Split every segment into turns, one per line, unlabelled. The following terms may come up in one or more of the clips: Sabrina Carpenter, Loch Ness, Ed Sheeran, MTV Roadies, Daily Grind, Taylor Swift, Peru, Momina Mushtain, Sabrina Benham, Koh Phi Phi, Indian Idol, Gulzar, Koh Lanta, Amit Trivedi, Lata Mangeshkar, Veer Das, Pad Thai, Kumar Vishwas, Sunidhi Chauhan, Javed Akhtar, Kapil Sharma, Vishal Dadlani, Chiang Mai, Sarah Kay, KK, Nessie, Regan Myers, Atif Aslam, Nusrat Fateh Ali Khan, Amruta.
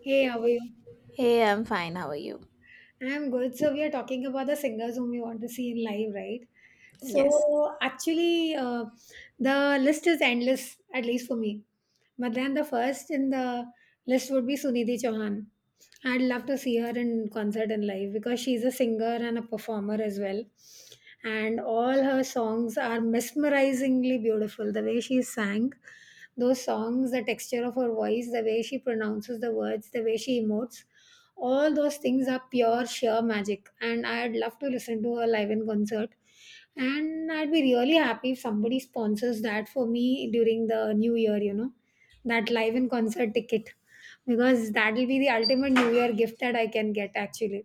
Hey, how are you?
Hey, I'm fine. How are you?
I'm good. So we are talking about the singers whom we want to see in live, right?
Yes.
So actually, the list is endless, at least for me. But then the first in the list would be Sunidhi Chauhan. I'd love to see her in concert and live because she's a singer and a performer as well. And all her songs are mesmerizingly beautiful. The way she sang those songs, the texture of her voice, the way she pronounces the words, the way she emotes, all those things are pure sheer magic. And I'd love to listen to her live in concert, and I'd be really happy if somebody sponsors that for me during the new year, that live in concert ticket, because that will be the ultimate new year gift that I can get actually,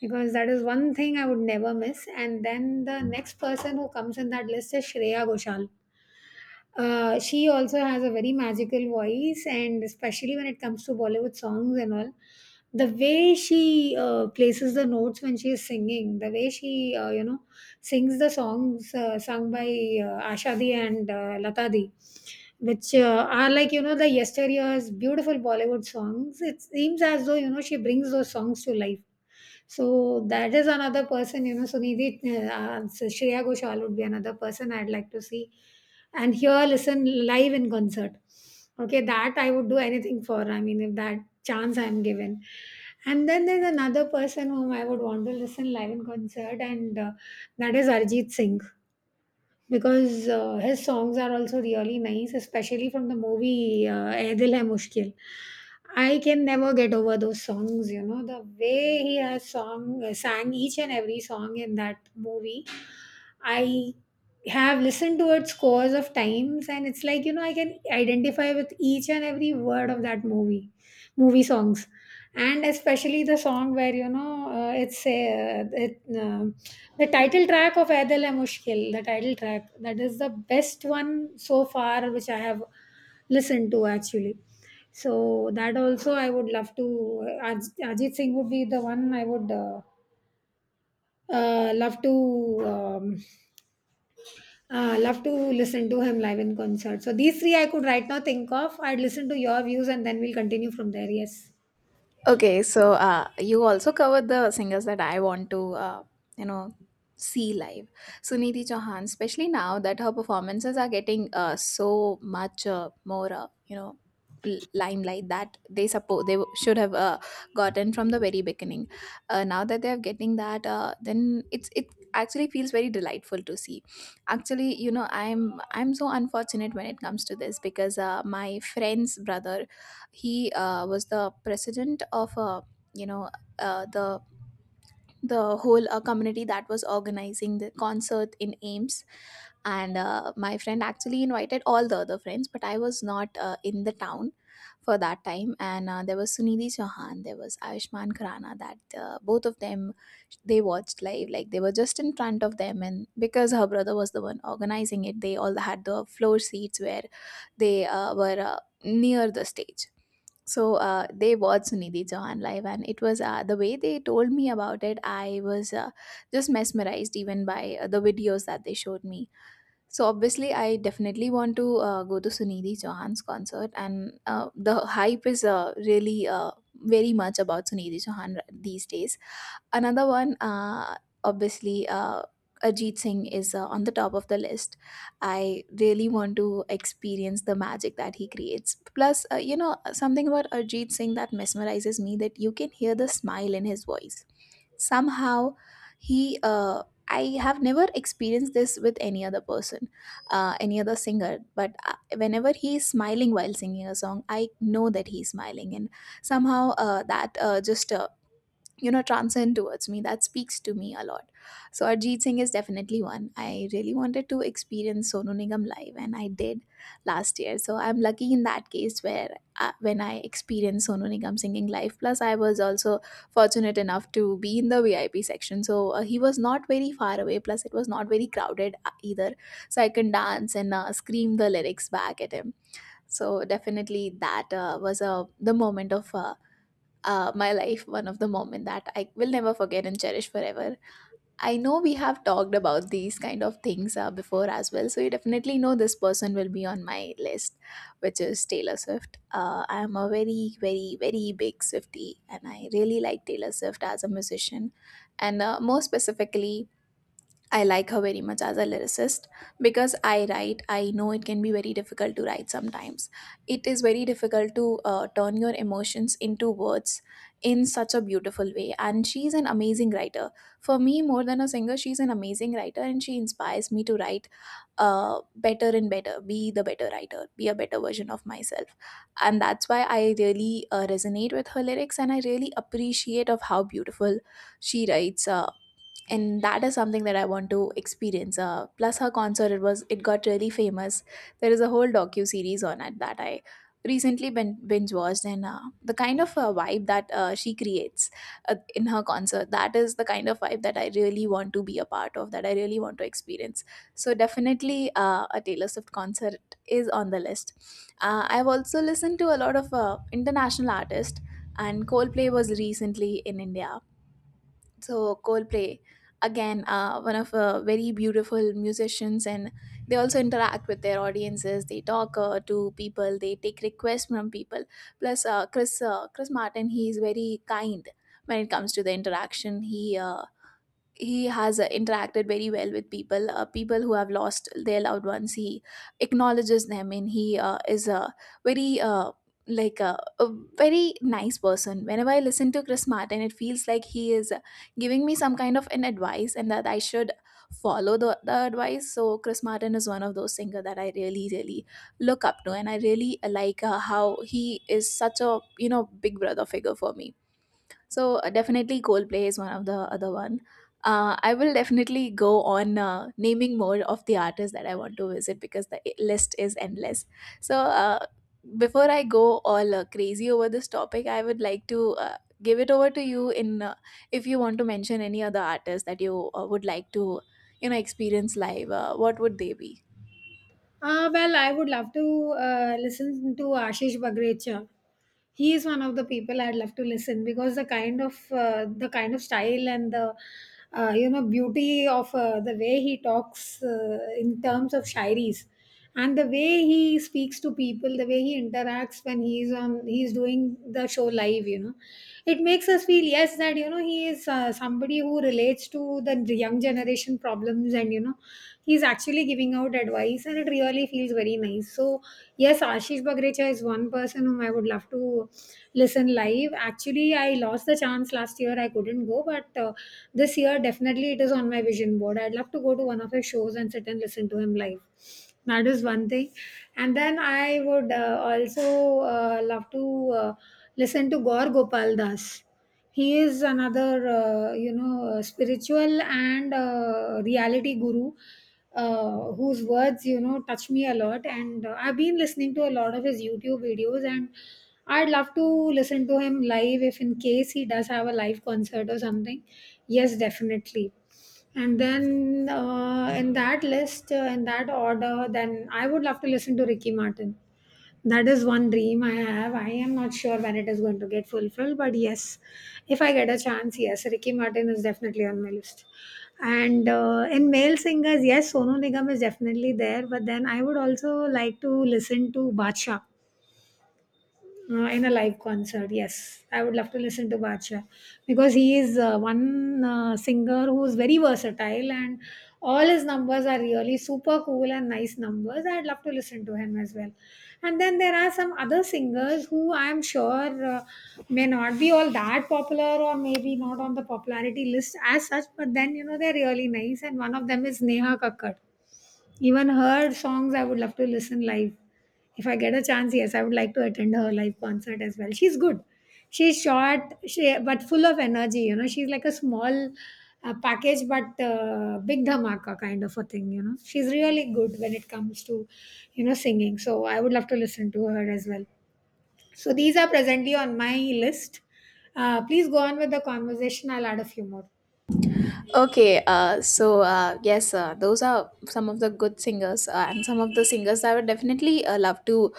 because that is one thing I would never miss. And then the next person who comes in that list is Shreya Ghoshal. She also has a very magical voice, and especially when it comes to Bollywood songs and all, the way she places the notes when she is singing, the way she sings the songs sung by Ashadi and Latadi, which are like you know the yesteryear's beautiful Bollywood songs. It seems as though she brings those songs to life. So that is another person, Sunidhi, Shreya Ghoshal would be another person I'd like to see and hear, listen live in concert. Okay, that I would do anything for. I mean, if that chance I'm given. And then there's another person whom I would want to listen live in concert, and that is Arjit Singh, because his songs are also really nice, especially from the movie "Eh Dil Hai Mushkil." I can never get over those songs. You know the way he has song sang each and every song in that movie. I have listened to it scores of times, and it's like you know I can identify with each and every word of that movie, movie songs, and especially the song where the title track of Adil Hai Mushkil, the title track, that is the best one so far which I have listened to actually. So that also I would love to. Ajit Singh would be the one I would love to. Love to listen to him live in concert. So these three I could right now think of. I'd listen to your views and then we'll continue from there. Yes.
Okay, so you also covered the singers that I want to, you know, see live. Sunidhi Chauhan, especially now that her performances are getting so much more, limelight that they suppose they should have gotten from the very beginning. Now that they are getting that, then it actually feels very delightful to see. Actually, you know, I'm so unfortunate when it comes to this because my friend's brother he was the president of you know uh, the the whole community that was organizing the concert in Ames, and my friend actually invited all the other friends, but I was not in the town for that time. And there was Sunidhi Chauhan, there was Ayushmann Khurrana, that both of them they watched live, like they were just in front of them. And because her brother was the one organizing it, they all had the floor seats where they were near the stage. So they watched Nidhi Chauhan live, and it was the way they told me about it. I was just mesmerized even by the videos that they showed me. So obviously, I definitely want to go to Sunidhi Chauhan's concert, and the hype is really very much about Sunidhi Chauhan these days. Another one, obviously, Ajit Singh is on the top of the list. I really want to experience the magic that he creates. Plus, you know, something about Ajit Singh that mesmerizes me, that you can hear the smile in his voice. Somehow, he. I have never experienced this with any other person, any other singer. But whenever he is smiling while singing a song, I know that he's smiling, and somehow that just you know, transcend towards me, that speaks to me a lot. So Arjit Singh is definitely one I really wanted to experience. Sonu Nigam live, and I did last year, so I'm lucky in that case. Where when I experienced Sonu Nigam singing live, plus I was also fortunate enough to be in the VIP section, so he was not very far away, plus it was not very crowded either. So I can dance and scream the lyrics back at him. So definitely that was a the moment of my life, one of the moment that I will never forget and cherish forever. I know we have talked about these kind of things before as well, so you definitely know this person will be on my list, which is Taylor Swift. I am a very big Swiftie, and I really like Taylor Swift as a musician, and more specifically, I like her very much as a lyricist, because I write. I know it can be very difficult to write sometimes. It is very difficult to turn your emotions into words in such a beautiful way. And she's an amazing writer. For me, more than a singer, she's an amazing writer, and she inspires me to write better and better, be the better writer, be a better version of myself. And that's why I really resonate with her lyrics, and I really appreciate of how beautiful she writes. And that is something that I want to experience. Plus her concert, it got really famous. There is a whole docu series on it that I recently been binge watched. And the kind of vibe that she creates in her concert, that is the kind of vibe that I really want to be a part of, that I really want to experience. So definitely a Taylor Swift concert is on the list. I've also listened to a lot of international artists, and Coldplay was recently in India. So Coldplay, again, one of very beautiful musicians, and they also interact with their audiences. They talk to people, they take requests from people. Plus Chris Martin, he is very kind when it comes to the interaction. He has interacted very well with people. People who have lost their loved ones, he acknowledges them, and he is a very uh, like a, a very nice person. Whenever I listen to Chris Martin, it feels like he is giving me some kind of an advice, and that I should follow the advice. So Chris Martin is one of those singer that I really look up to, and I really like how he is such a, you know, big brother figure for me. So definitely Coldplay is one of the other one. I will definitely go on naming more of the artists that I want to visit, because the list is endless. So before I go all crazy over this topic, I would like to give it over to you in if you want to mention any other artists that you would like to, you know, experience live. What would they be?
Ah, well, I would love to listen to Ashish Bagrecha. He is one of the people I'd love to listen, because the kind of style and the beauty of the way he talks in terms of shairis, and the way he speaks to people, the way he interacts when he's doing the show live, you know, it makes us feel yes, that you know he is somebody who relates to the young generation problems. And you know he's actually giving out advice, and it really feels very nice. So yes, Ashish Bagrecha is one person whom I would love to listen live. Actually, I lost the chance last year, I couldn't go, but this year definitely it is on my vision board. I'd love to go to one of his shows and sit and listen to him live. That is one thing. And then I would also love to listen to Gaur Gopal Das. He is another, spiritual and reality guru whose words, you know, touch me a lot. And I've been listening to a lot of his YouTube videos, and I'd love to listen to him live if in case he does have a live concert or something. Yes, definitely. And then in that list, in that order, then I would love to listen to Ricky Martin. That is one dream I have. I am not sure when it is going to get fulfilled, but yes, if I get a chance, yes, Ricky Martin is definitely on my list. And in male singers, yes, Sonu Nigam is definitely there, but then I would also like to listen to Bacha in a live concert. Yes, I would love to listen to Bacha because he is one singer who is very versatile, and all his numbers are really super cool and nice numbers. I'd love to listen to him as well. And then there are some other singers who I'm sure may not be all that popular or maybe not on the popularity list as such, but then you know they're really nice. And one of them is Neha Kakkad. Even her songs I would love to listen live. If I get a chance, yes, I would like to attend her live concert as well. She's good. She's short, she but full of energy. You know, she's like a small package, but big dhamaka kind of a thing. You know, she's really good when it comes to you know singing. So I would love to listen to her as well. So these are presently on my list. Please go on with the conversation. I'll add a few more.
Okay, so yes, those are some of the good singers, and some of the singers I would definitely love to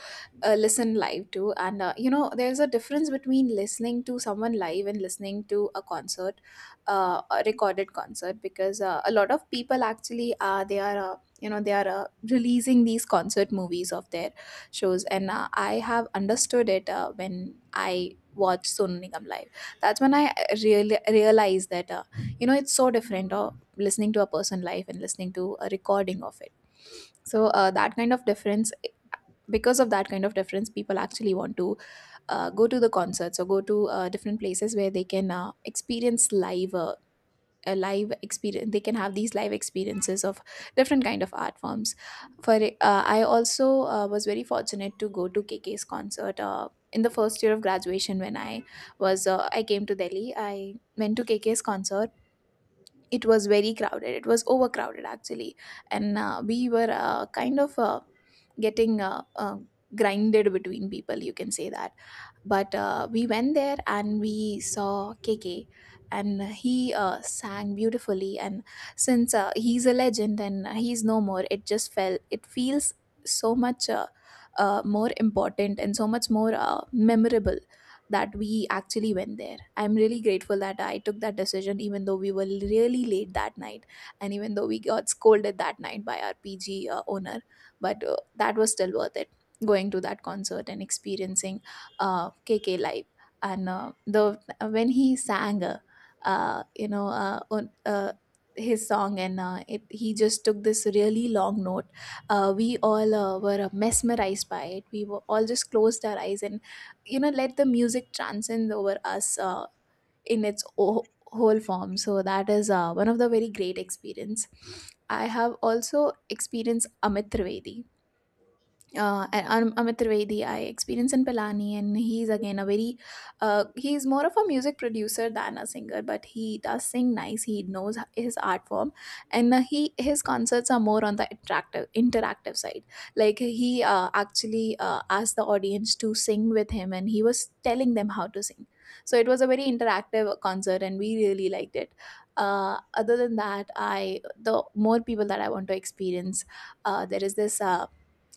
listen live to. And you know, there's a difference between listening to someone live and listening to a concert, a recorded concert, because a lot of people actually they are. You know, they are releasing these concert movies of their shows. And I have understood it when I watched Sonu Nigam live. That's when I really realized that you know, it's so different listening to a person live and listening to a recording of it. So that kind of difference, because of that kind of difference, people actually want to go to the concerts or go to different places where they can experience live a live experience. They can have these live experiences of different kind of art forms. For I also was very fortunate to go to KK's concert in the first year of graduation, when I was I came to Delhi, I went to KK's concert. It was very crowded, it was overcrowded actually, and we were kind of getting grinded between people, you can say that. But we went there and we saw KK, and he sang beautifully. And since he's a legend and he's no more, it just felt it feels so much more important and so much more memorable, that we actually went there. I'm really grateful that I took that decision, even though we were really late that night, and even though we got scolded that night by our PG owner. But that was still worth it going to that concert and experiencing KK live. And the when he sang, uh, you know, uh, on- uh, his song, and he just took this really long note. We all were mesmerized by it. We were all just closed our eyes and, you know, let the music transcend over us in its whole form. So that is one of the very great experience. I have also experienced Amit Trivedi. Amit Trivedi I experience in Pilani, and he's again a very he's more of a music producer than a singer, but he does sing nice. He knows his art form, and he his concerts are more on the attractive interactive side. Like he actually asked the audience to sing with him, and he was telling them how to sing. So it was a very interactive concert, and we really liked it. Other than that, I the more people that I want to experience, there is this.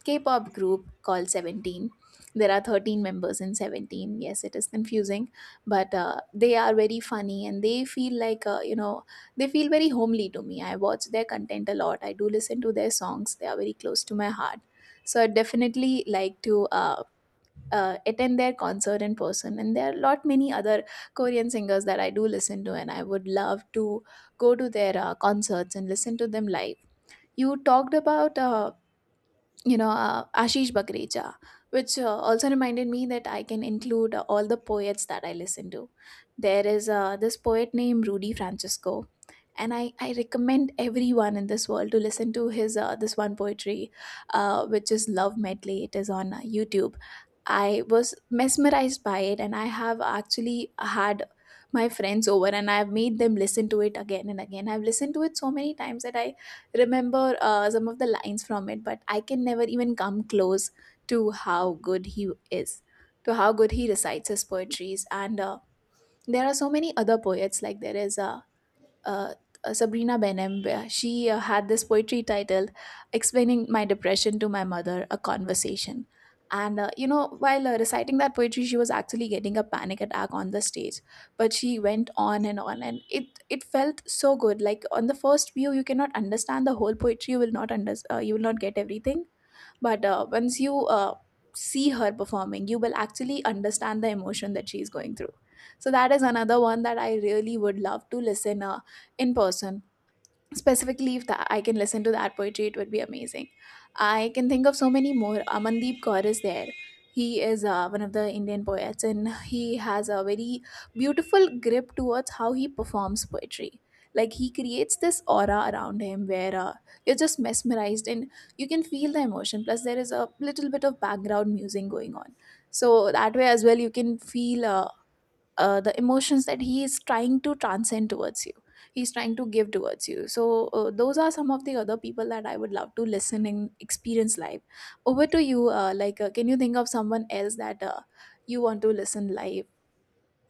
K-pop group called Seventeen. There are 13 members in Seventeen. Yes, it is confusing, but they are very funny, and they feel like you know, they feel very homely to me. I watch their content a lot. I do listen to their songs. They are very close to my heart. So I definitely like to attend their concert in person. And there are lot many other Korean singers that I do listen to, and I would love to go to their concerts and listen to them live. You talked about Ashish Bagrecha, which also reminded me that I can include all the poets that I listen to. There is this poet named Rudy Francisco, and I recommend everyone in this world to listen to his this one poetry, which is Love Medley. It is on YouTube. I was mesmerized by it, and I have actually had my friends over, and I've made them listen to it again and again. I've listened to it so many times that I remember some of the lines from it, but I can never even come close to how good he is, to how good he recites his poetries. And there are so many other poets. Like there is a uh, Sabrina Benem, where she had this poetry titled Explaining My Depression to My Mother, a Conversation. And you know, while reciting that poetry, she was actually getting a panic attack on the stage. But she went on, and it felt so good. Like on the first view, you cannot understand the whole poetry. You will not, you will not get everything, but once you see her performing, you will actually understand the emotion that she is going through. So that is another one that I really would love to listen in person. Specifically, if that I can listen to that poetry, it would be amazing. I can think of so many more. Amandeep Kaur is there. He is one of the Indian poets, and he has a very beautiful grip towards how he performs poetry. Like he creates this aura around him where you're just mesmerized, and you can feel the emotion. Plus there is a little bit of background music going on, so that way as well you can feel the emotions that he is trying to transcend towards you, he's trying to give towards you. So those are some of the other people that I would love to listen and experience live. Over to you. Like can you think of someone else that you want to listen live?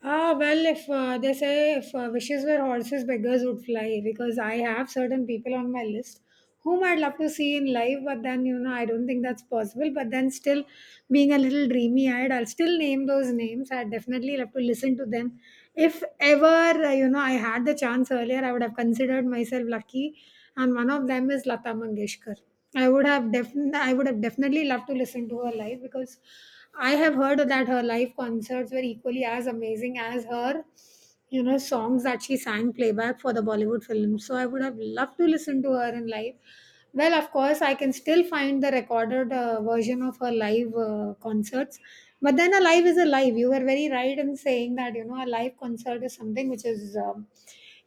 Ah, well, if they say if wishes were horses, beggars would fly, because I have certain people on my list whom I'd love to see in life, but then you know, I don't think that's possible. But then, still being a little dreamy eyed, I'll still name those names. I'd definitely love to listen to them. If ever I had the chance earlier, I would have considered myself lucky, and one of them is Lata Mangeshkar. I would have definitely loved to listen to her live, because I have heard that her live concerts were equally as amazing as her you know songs that she sang playback for the Bollywood films. So I would have loved to listen to her in live. Well, of course, I can still find the recorded version of her live concerts. But then a live is a live. You were very right in saying that you know a live concert is something which is,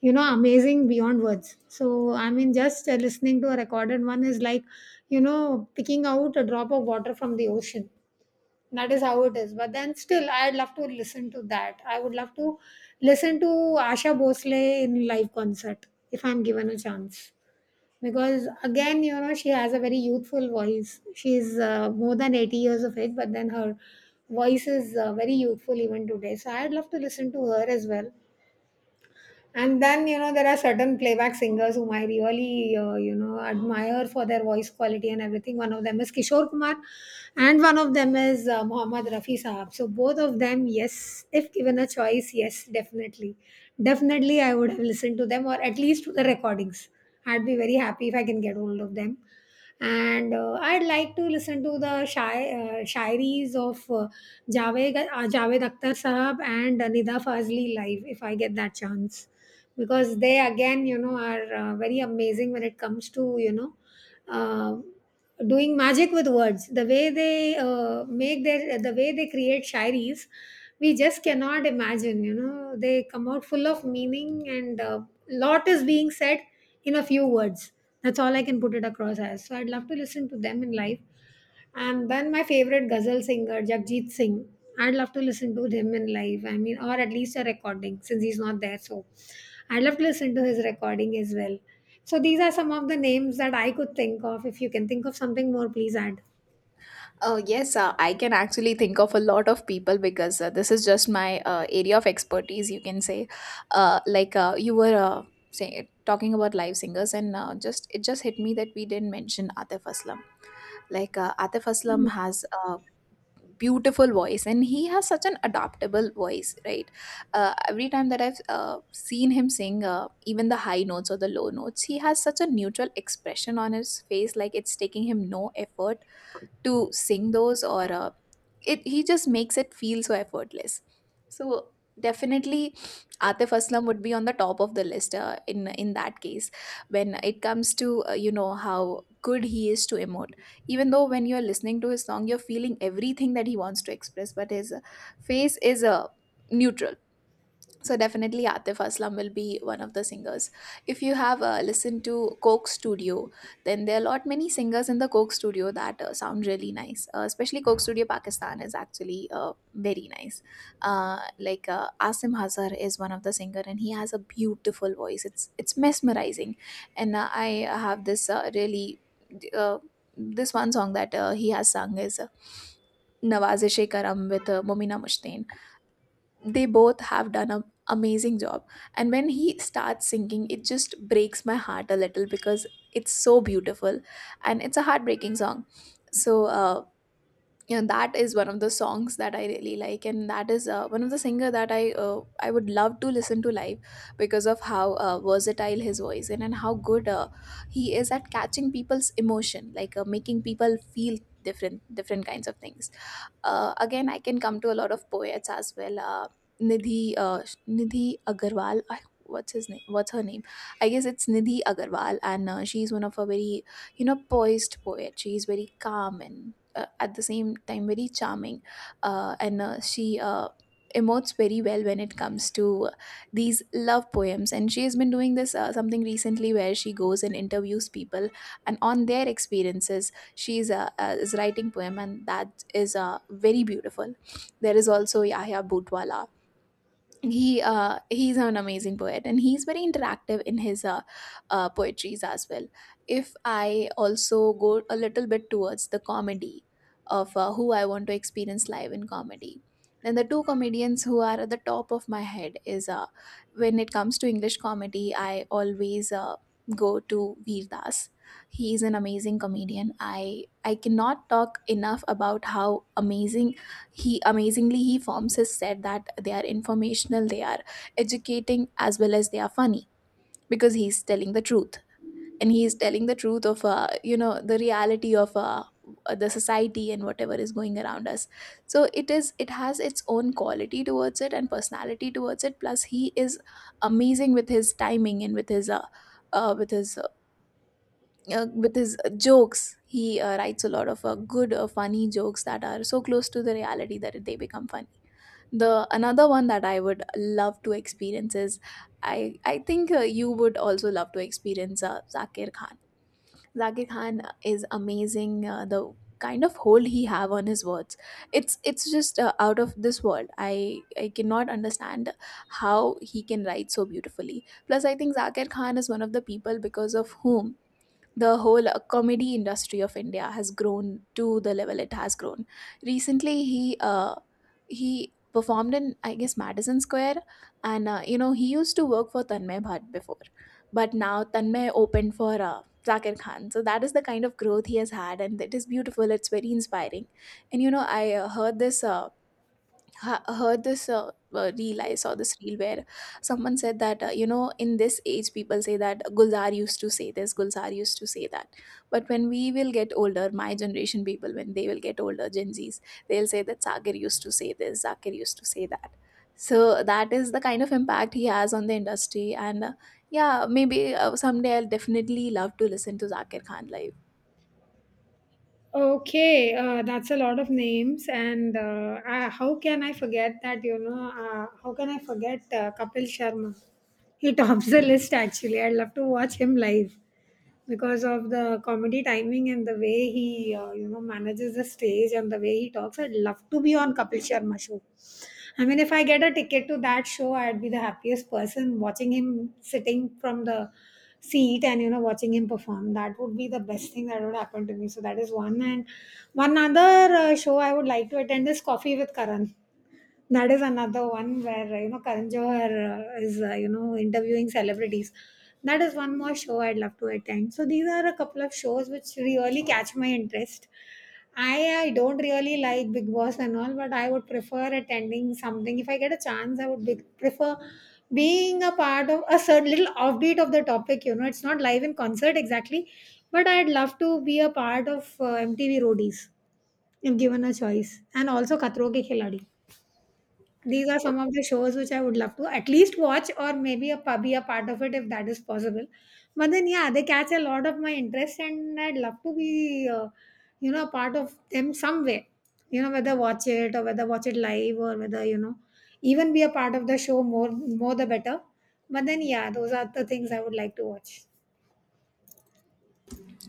you know, amazing beyond words. So I mean, just listening to a recorded one is like you know picking out a drop of water from the ocean. That is how it is. But then still I'd love to listen to that. I would love to listen to Asha Bhosle in live concert if I'm given a chance, because again you know she has a very youthful voice. She's more than 80 years of age, but then her voice is very youthful even today. So I'd love to listen to her as well. And then you know there are certain playback singers whom I really you know admire for their voice quality and everything. One of them is Kishore Kumar, and one of them is Muhammad Rafi Sahab. So both of them, yes, if given a choice, yes, definitely I would have listened to them, or at least to the recordings. I'd be very happy if I can get hold of them. And I'd like to listen to the shairies of Javed Akhtar Sahab and Nida Fazli live if I get that chance, because they again you know are very amazing when it comes to you know uh, doing magic with words, the way they make their the way they create shairis. We just cannot imagine, you know, they come out full of meaning, and lot is being said in a few words. That's all I can put it across as. So I'd love to listen to them in life. And then my favorite ghazal singer, Jagjit Singh. I'd love to listen to him in live. I mean, or at least a recording since he's not there. So I'd love to listen to his recording as well. So these are some of the names that I could think of. If you can think of something more, please add.
Oh, yes, I can actually think of a lot of people, because this is just my area of expertise, you can say. Like you were say, talking about live singers, and just it just hit me that we didn't mention Atif Aslam. Like Atif Aslam has a beautiful voice, and he has such an adaptable voice, right? Every time that I've seen him sing, even the high notes or the low notes, he has such a neutral expression on his face, like it's taking him no effort to sing those. Or it he just makes it feel so effortless. So definitely Atif Aslam would be on the top of the list in that case, when it comes to you know, how good he is to emote. Even though when you're listening to his song, you're feeling everything that he wants to express, but his face is neutral. So definitely Atif Aslam will be one of the singers. If you have listened to Coke Studio, then there are a lot many singers in the Coke Studio that sound really nice. Especially Coke Studio Pakistan is actually very nice. Like Asim Hazar is one of the singer, and he has a beautiful voice. It's mesmerizing. And I have this really uh, this one song that he has sung is. Nawazish Karam with Momina Mushtain. They both have done an amazing job, and when he starts singing it just breaks my heart a little because it's so beautiful, and it's a heartbreaking song. So you know, that is one of the songs that I really like, and that is one of the singer that I would love to listen to live, because of how versatile his voice, and how good he is at catching people's emotion, like making people feel different kinds of things. Again, I can come to a lot of poets as well. Nidhi uh, Nidhi Agarwal. I, what's his name? What's her name? I guess it's Nidhi Agarwal, and she's one of a very, you know, poised poet. She is very calm and at the same time very charming, and she. Emotes very well when it comes to these love poems. And she has been doing this something recently where she goes and interviews people, and on their experiences she's is writing poem, and that is very beautiful. There is also Yahya Butwala. He's an amazing poet, and he's very interactive in his poetries as well. If I also go a little bit towards the comedy of who I want to experience live in comedy, then the two comedians who are at the top of my head is when it comes to English comedy, I always go to Veer Das. He is an amazing comedian. I cannot talk enough about how amazing he amazingly he forms his set, that they are informational, they are educating as well as they are funny, because he's telling the truth. And he is telling the truth of you know, the reality of the society and whatever is going around us. So it is, it has its own quality towards it and personality towards it. Plus he is amazing with his timing, and with his uh, with his jokes. He writes a lot of good funny jokes that are so close to the reality that they become funny. The another one that I would love to experience is, i I think you would also love to experience Zakir Khan. Zakir Khan is amazing. The kind of hold he have on his words, it's just out of this world. I cannot understand how he can write so beautifully. Plus I think Zakir Khan is one of the people because of whom the whole comedy industry of India has grown to the level it has grown. Recently, he performed in, I guess, Madison Square, and you know, he used to work for Tanmay Bhatt before, but now Tanmay opened for Zakir Khan. So that is the kind of growth he has had, and it is beautiful. It's very inspiring. And you know, I heard this. Heard this reel. I saw this reel where someone said that you know, in this age, people say that Gulzar used to say this, Gulzar used to say that, but when we will get older, my generation people, when they will get older, Gen Z's, they'll say that Sagar used to say this, Zakir used to say that. So that is the kind of impact he has on the industry. And yeah, maybe someday I'll definitely love to listen to Zakir Khan live.
Okay, that's a lot of names, and how can I forget that? You know, how can I forget Kapil Sharma? He tops the list actually. I'd love to watch him live because of the comedy timing and the way he you know manages the stage and the way he talks. I'd love to be on Kapil Sharma show. I mean, if I get a ticket to that show, I'd be the happiest person watching him sitting from the seat and you know watching him perform. That would be the best thing that would happen to me. So that is one. And one other show I would like to attend is Coffee with Karan. That is another one where you know Karan Johar is you know interviewing celebrities. That is one more show I'd love to attend. So these are a couple of shows which really catch my interest. I don't really like Big Boss and all, but I would prefer attending something. If I get a chance, I would prefer being a part of a certain little offbeat of the topic. You know, it's not live in concert exactly, but I'd love to be a part of MTV Roadies if given a choice, and also Khatro Ke Khiladi. These are
uh,
some of the shows which I would love to at least watch or maybe a be a part of it if that is possible. But then, yeah, they catch a lot of my interest and I'd love to be, a part of them some way. You know, whether watch it or whether watch it live or whether, you know, even be a part of the show, more the better. But then, yeah, those are the things I would like to watch.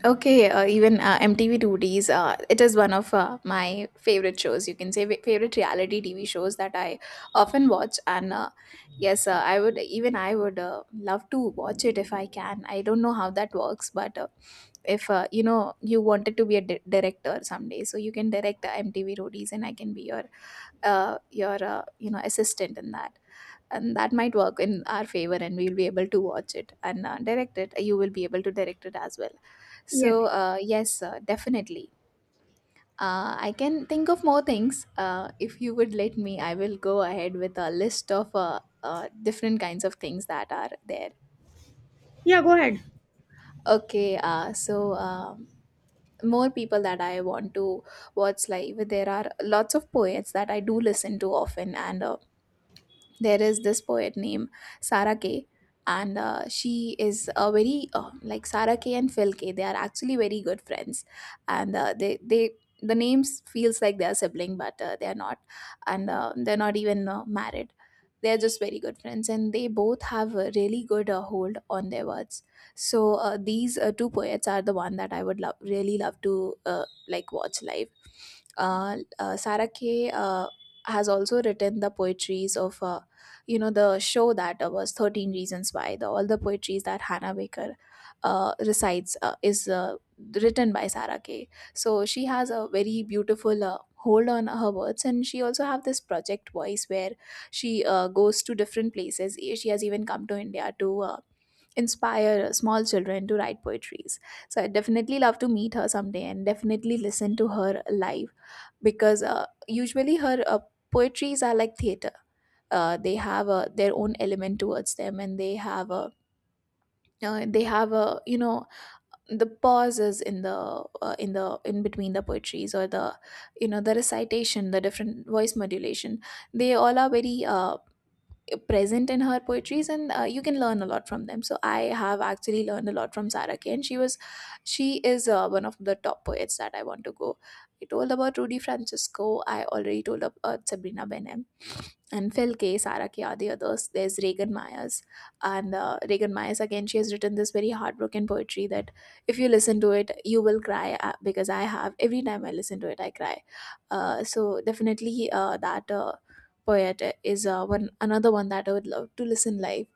Okay, even MTV 2, it is one of my favorite shows. You can say favorite reality TV shows that I often watch. And yes, I would even, I would love to watch it if I can. I don't know how that works, but if you know, you wanted to be a director someday, so you can direct MTV 2 and I can be your you know, assistant in that. And that might work in our favor, and we'll be able to watch it and direct it. You will be able to direct it as well.
Yes.
So yes, definitely. I can think of more things. If you would let me, I will go ahead with a list of different kinds of things that are there.
Yeah, go ahead.
Okay, so more people that I want to watch live. There are lots of poets that I do listen to often, and there is this poet named Sarah K, and she is a very like Sarah K and Phil K. They are actually very good friends, and they the names feels like they are sibling, but they are not, and they're not even married. They are just very good friends, and they both have a really good hold on their words. So these two poets are the one that I would love, really love to like watch live. Sarah K has also written the poetries of the show that was 13 reasons why, the all the poetries that Hannah Baker recites is written by Sarah Kay. So she has a very beautiful hold on her words, and she also have this project Voice where she goes to different places. She has even come to India to inspire small children to write poetries. So I definitely love to meet her someday and definitely listen to her live, because usually her poetries are like theater. Uh, they have their own element towards them, and they have a uh, the pauses in the in between the poetries, or the the recitation, the different voice modulation, they all are very present in her poetries. And you can learn a lot from them. So I have actually learned a lot from Sarah Kane. She is one of the top poets that I want to go. I told about Rudy Francisco, I already told about Sabrina Benham, and Phil K, Sarah K are the others. There's Regan Myers. And Regan Myers, again, she has written this very heartbroken poetry that if you listen to it, you will cry, because I have. Every time I listen to it, I cry. So definitely that poet is one another one that I would love to listen live.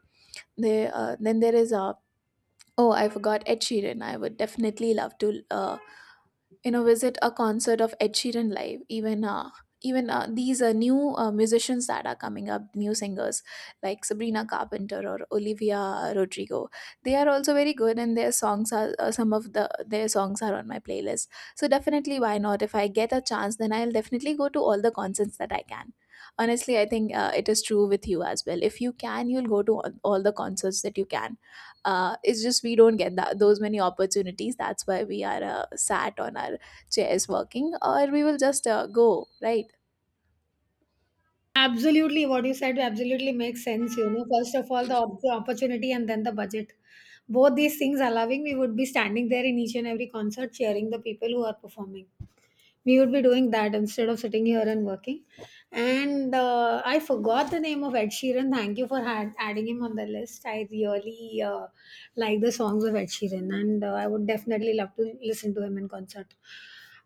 Then there is, oh, I forgot Ed Sheeran. I would definitely love to. You know, visit a concert of Ed Sheeran live. Even these are new musicians that are coming up, new singers like Sabrina Carpenter or Olivia Rodrigo. They are also very good, and their songs are some of their songs are on my playlist. So definitely, why not? If I get a chance, then I'll definitely go to all the concerts that I can. Honestly, I think it is true with you as well. If you can, you'll go to all the concerts that you can. It's just we don't get that those many opportunities, that's why we are sat on our chairs working, or we will just go, right?
Absolutely, what you said absolutely makes sense. You know, first of all, the opportunity and then the budget. Both these things allowing, we would be standing there in each and every concert cheering the people who are performing. We would be doing that instead of sitting here and working. And I forgot the name of Ed Sheeran. Thank you for adding him on the list. I really like the songs of Ed Sheeran, and I would definitely love to listen to him in concert.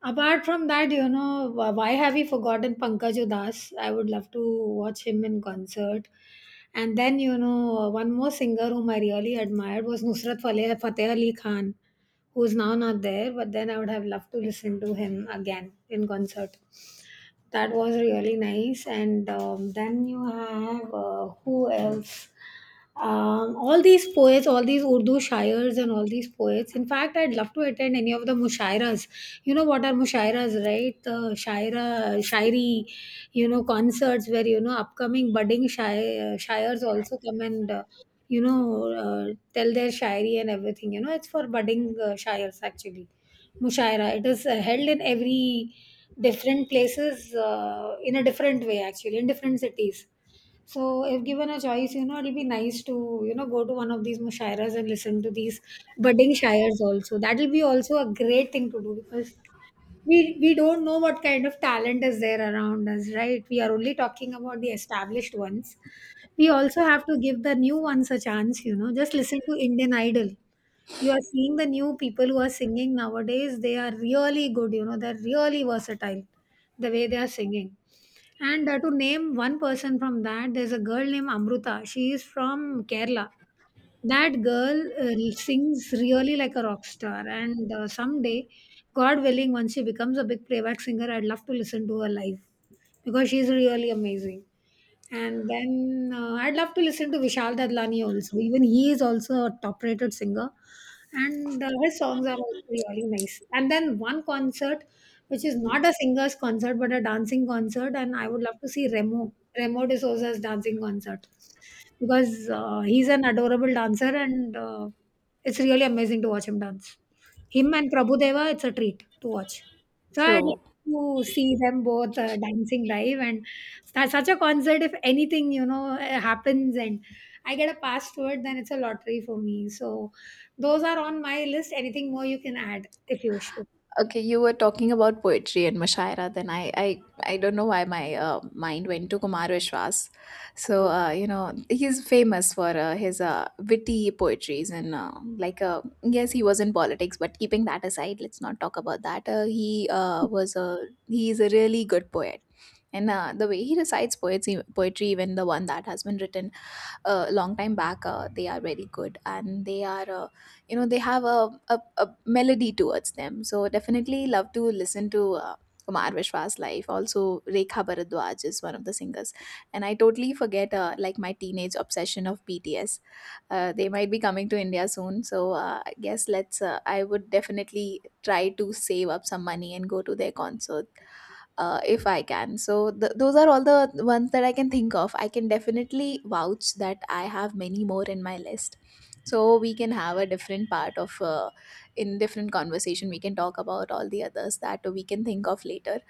Apart from that, you know, why have we forgotten Pankaj Udas? I would love to watch him in concert. And then, you know, one more singer whom I really admired was Nusrat Fateh Ali Khan, who's now not there, but then I would have loved to listen to him again in concert. That was really nice. And then you have who else? All these poets, all these Urdu shayars, and all these poets. In fact, I'd love to attend any of the mushairas. You know what are mushairas, right? The shairi, you know, concerts where you know upcoming budding shayars also come and tell their shairi and everything. You know, it's for budding shayars actually. Mushaira. It is held in every different places in a different way actually in different cities. So, if given a choice, you know, it'll be nice to, you know, go to one of these mushairas and listen to these budding shires also. That'll be also a great thing to do because we don't know what kind of talent is there around us, right? We are only talking about the established ones. We also have to give the new ones a chance, you know. Just listen to Indian Idol. You are seeing the new people who are singing nowadays, they are really good, you know, they're really versatile the way they are singing. And to name one person from that, there's a girl named Amruta. She is from Kerala. That girl sings really like a rock star, and someday, god willing, once she becomes a big playback singer, I'd love to listen to her live because she's really amazing. And then I'd love to listen to Vishal Dadlani also. Even he is also a top rated singer, and his songs are also really nice. And then one concert which is not a singer's concert but a dancing concert, and I would love to see Remo De Souza's dancing concert because he's an adorable dancer, and it's really amazing to watch him dance. Him and Prabhu Deva, it's a treat to watch. So I'd
True.
like to see them both dancing live and such a concert. If anything, you know, happens and I get a pass to it, then it's a lottery for me. So those are on my list. Anything more you can add if you wish.
Okay, you were talking about poetry and mushaira, then I don't know why my mind went to Kumar Vishwas. So you know, he's famous for his witty poetries, and like uh, yes, he was in politics, but keeping that aside, let's not talk about that. Uh, he was a he's a really good poet. And the way he recites poetry, even the one that has been written a long time back, they are very good, and they are, they have a melody towards them. So definitely love to listen to Kumar Vishwas live. Also, Rekha Bharadwaj is one of the singers, and I totally forget my teenage obsession of BTS. They might be coming to India soon, so I guess let's. I would definitely try to save up some money and go to their concerts if I can. So those are all the ones that I can think of. I can definitely vouch that I have many more in my list. So we can have a different part of in different conversation. We can talk about all the others that we can think of later.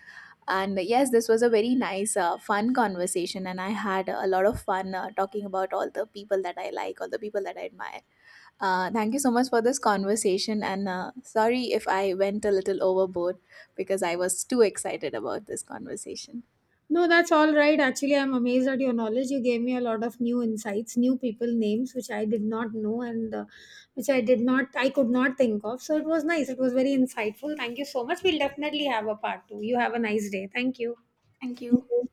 And yes, this was a very nice, fun conversation, and I had a lot of fun talking about all the people that I like, all the people that I admire. Thank you so much for this conversation, and sorry if I went a little overboard because I was too excited about this conversation.
No, that's all right. Actually, I'm amazed at your knowledge. You gave me a lot of new insights, new people names, which I did not know, and which I did not, I could not think of. So it was nice. It was very insightful. Thank you so much. We'll definitely have a part two. You have a nice day. Thank you.
Thank
Thank
you.
you.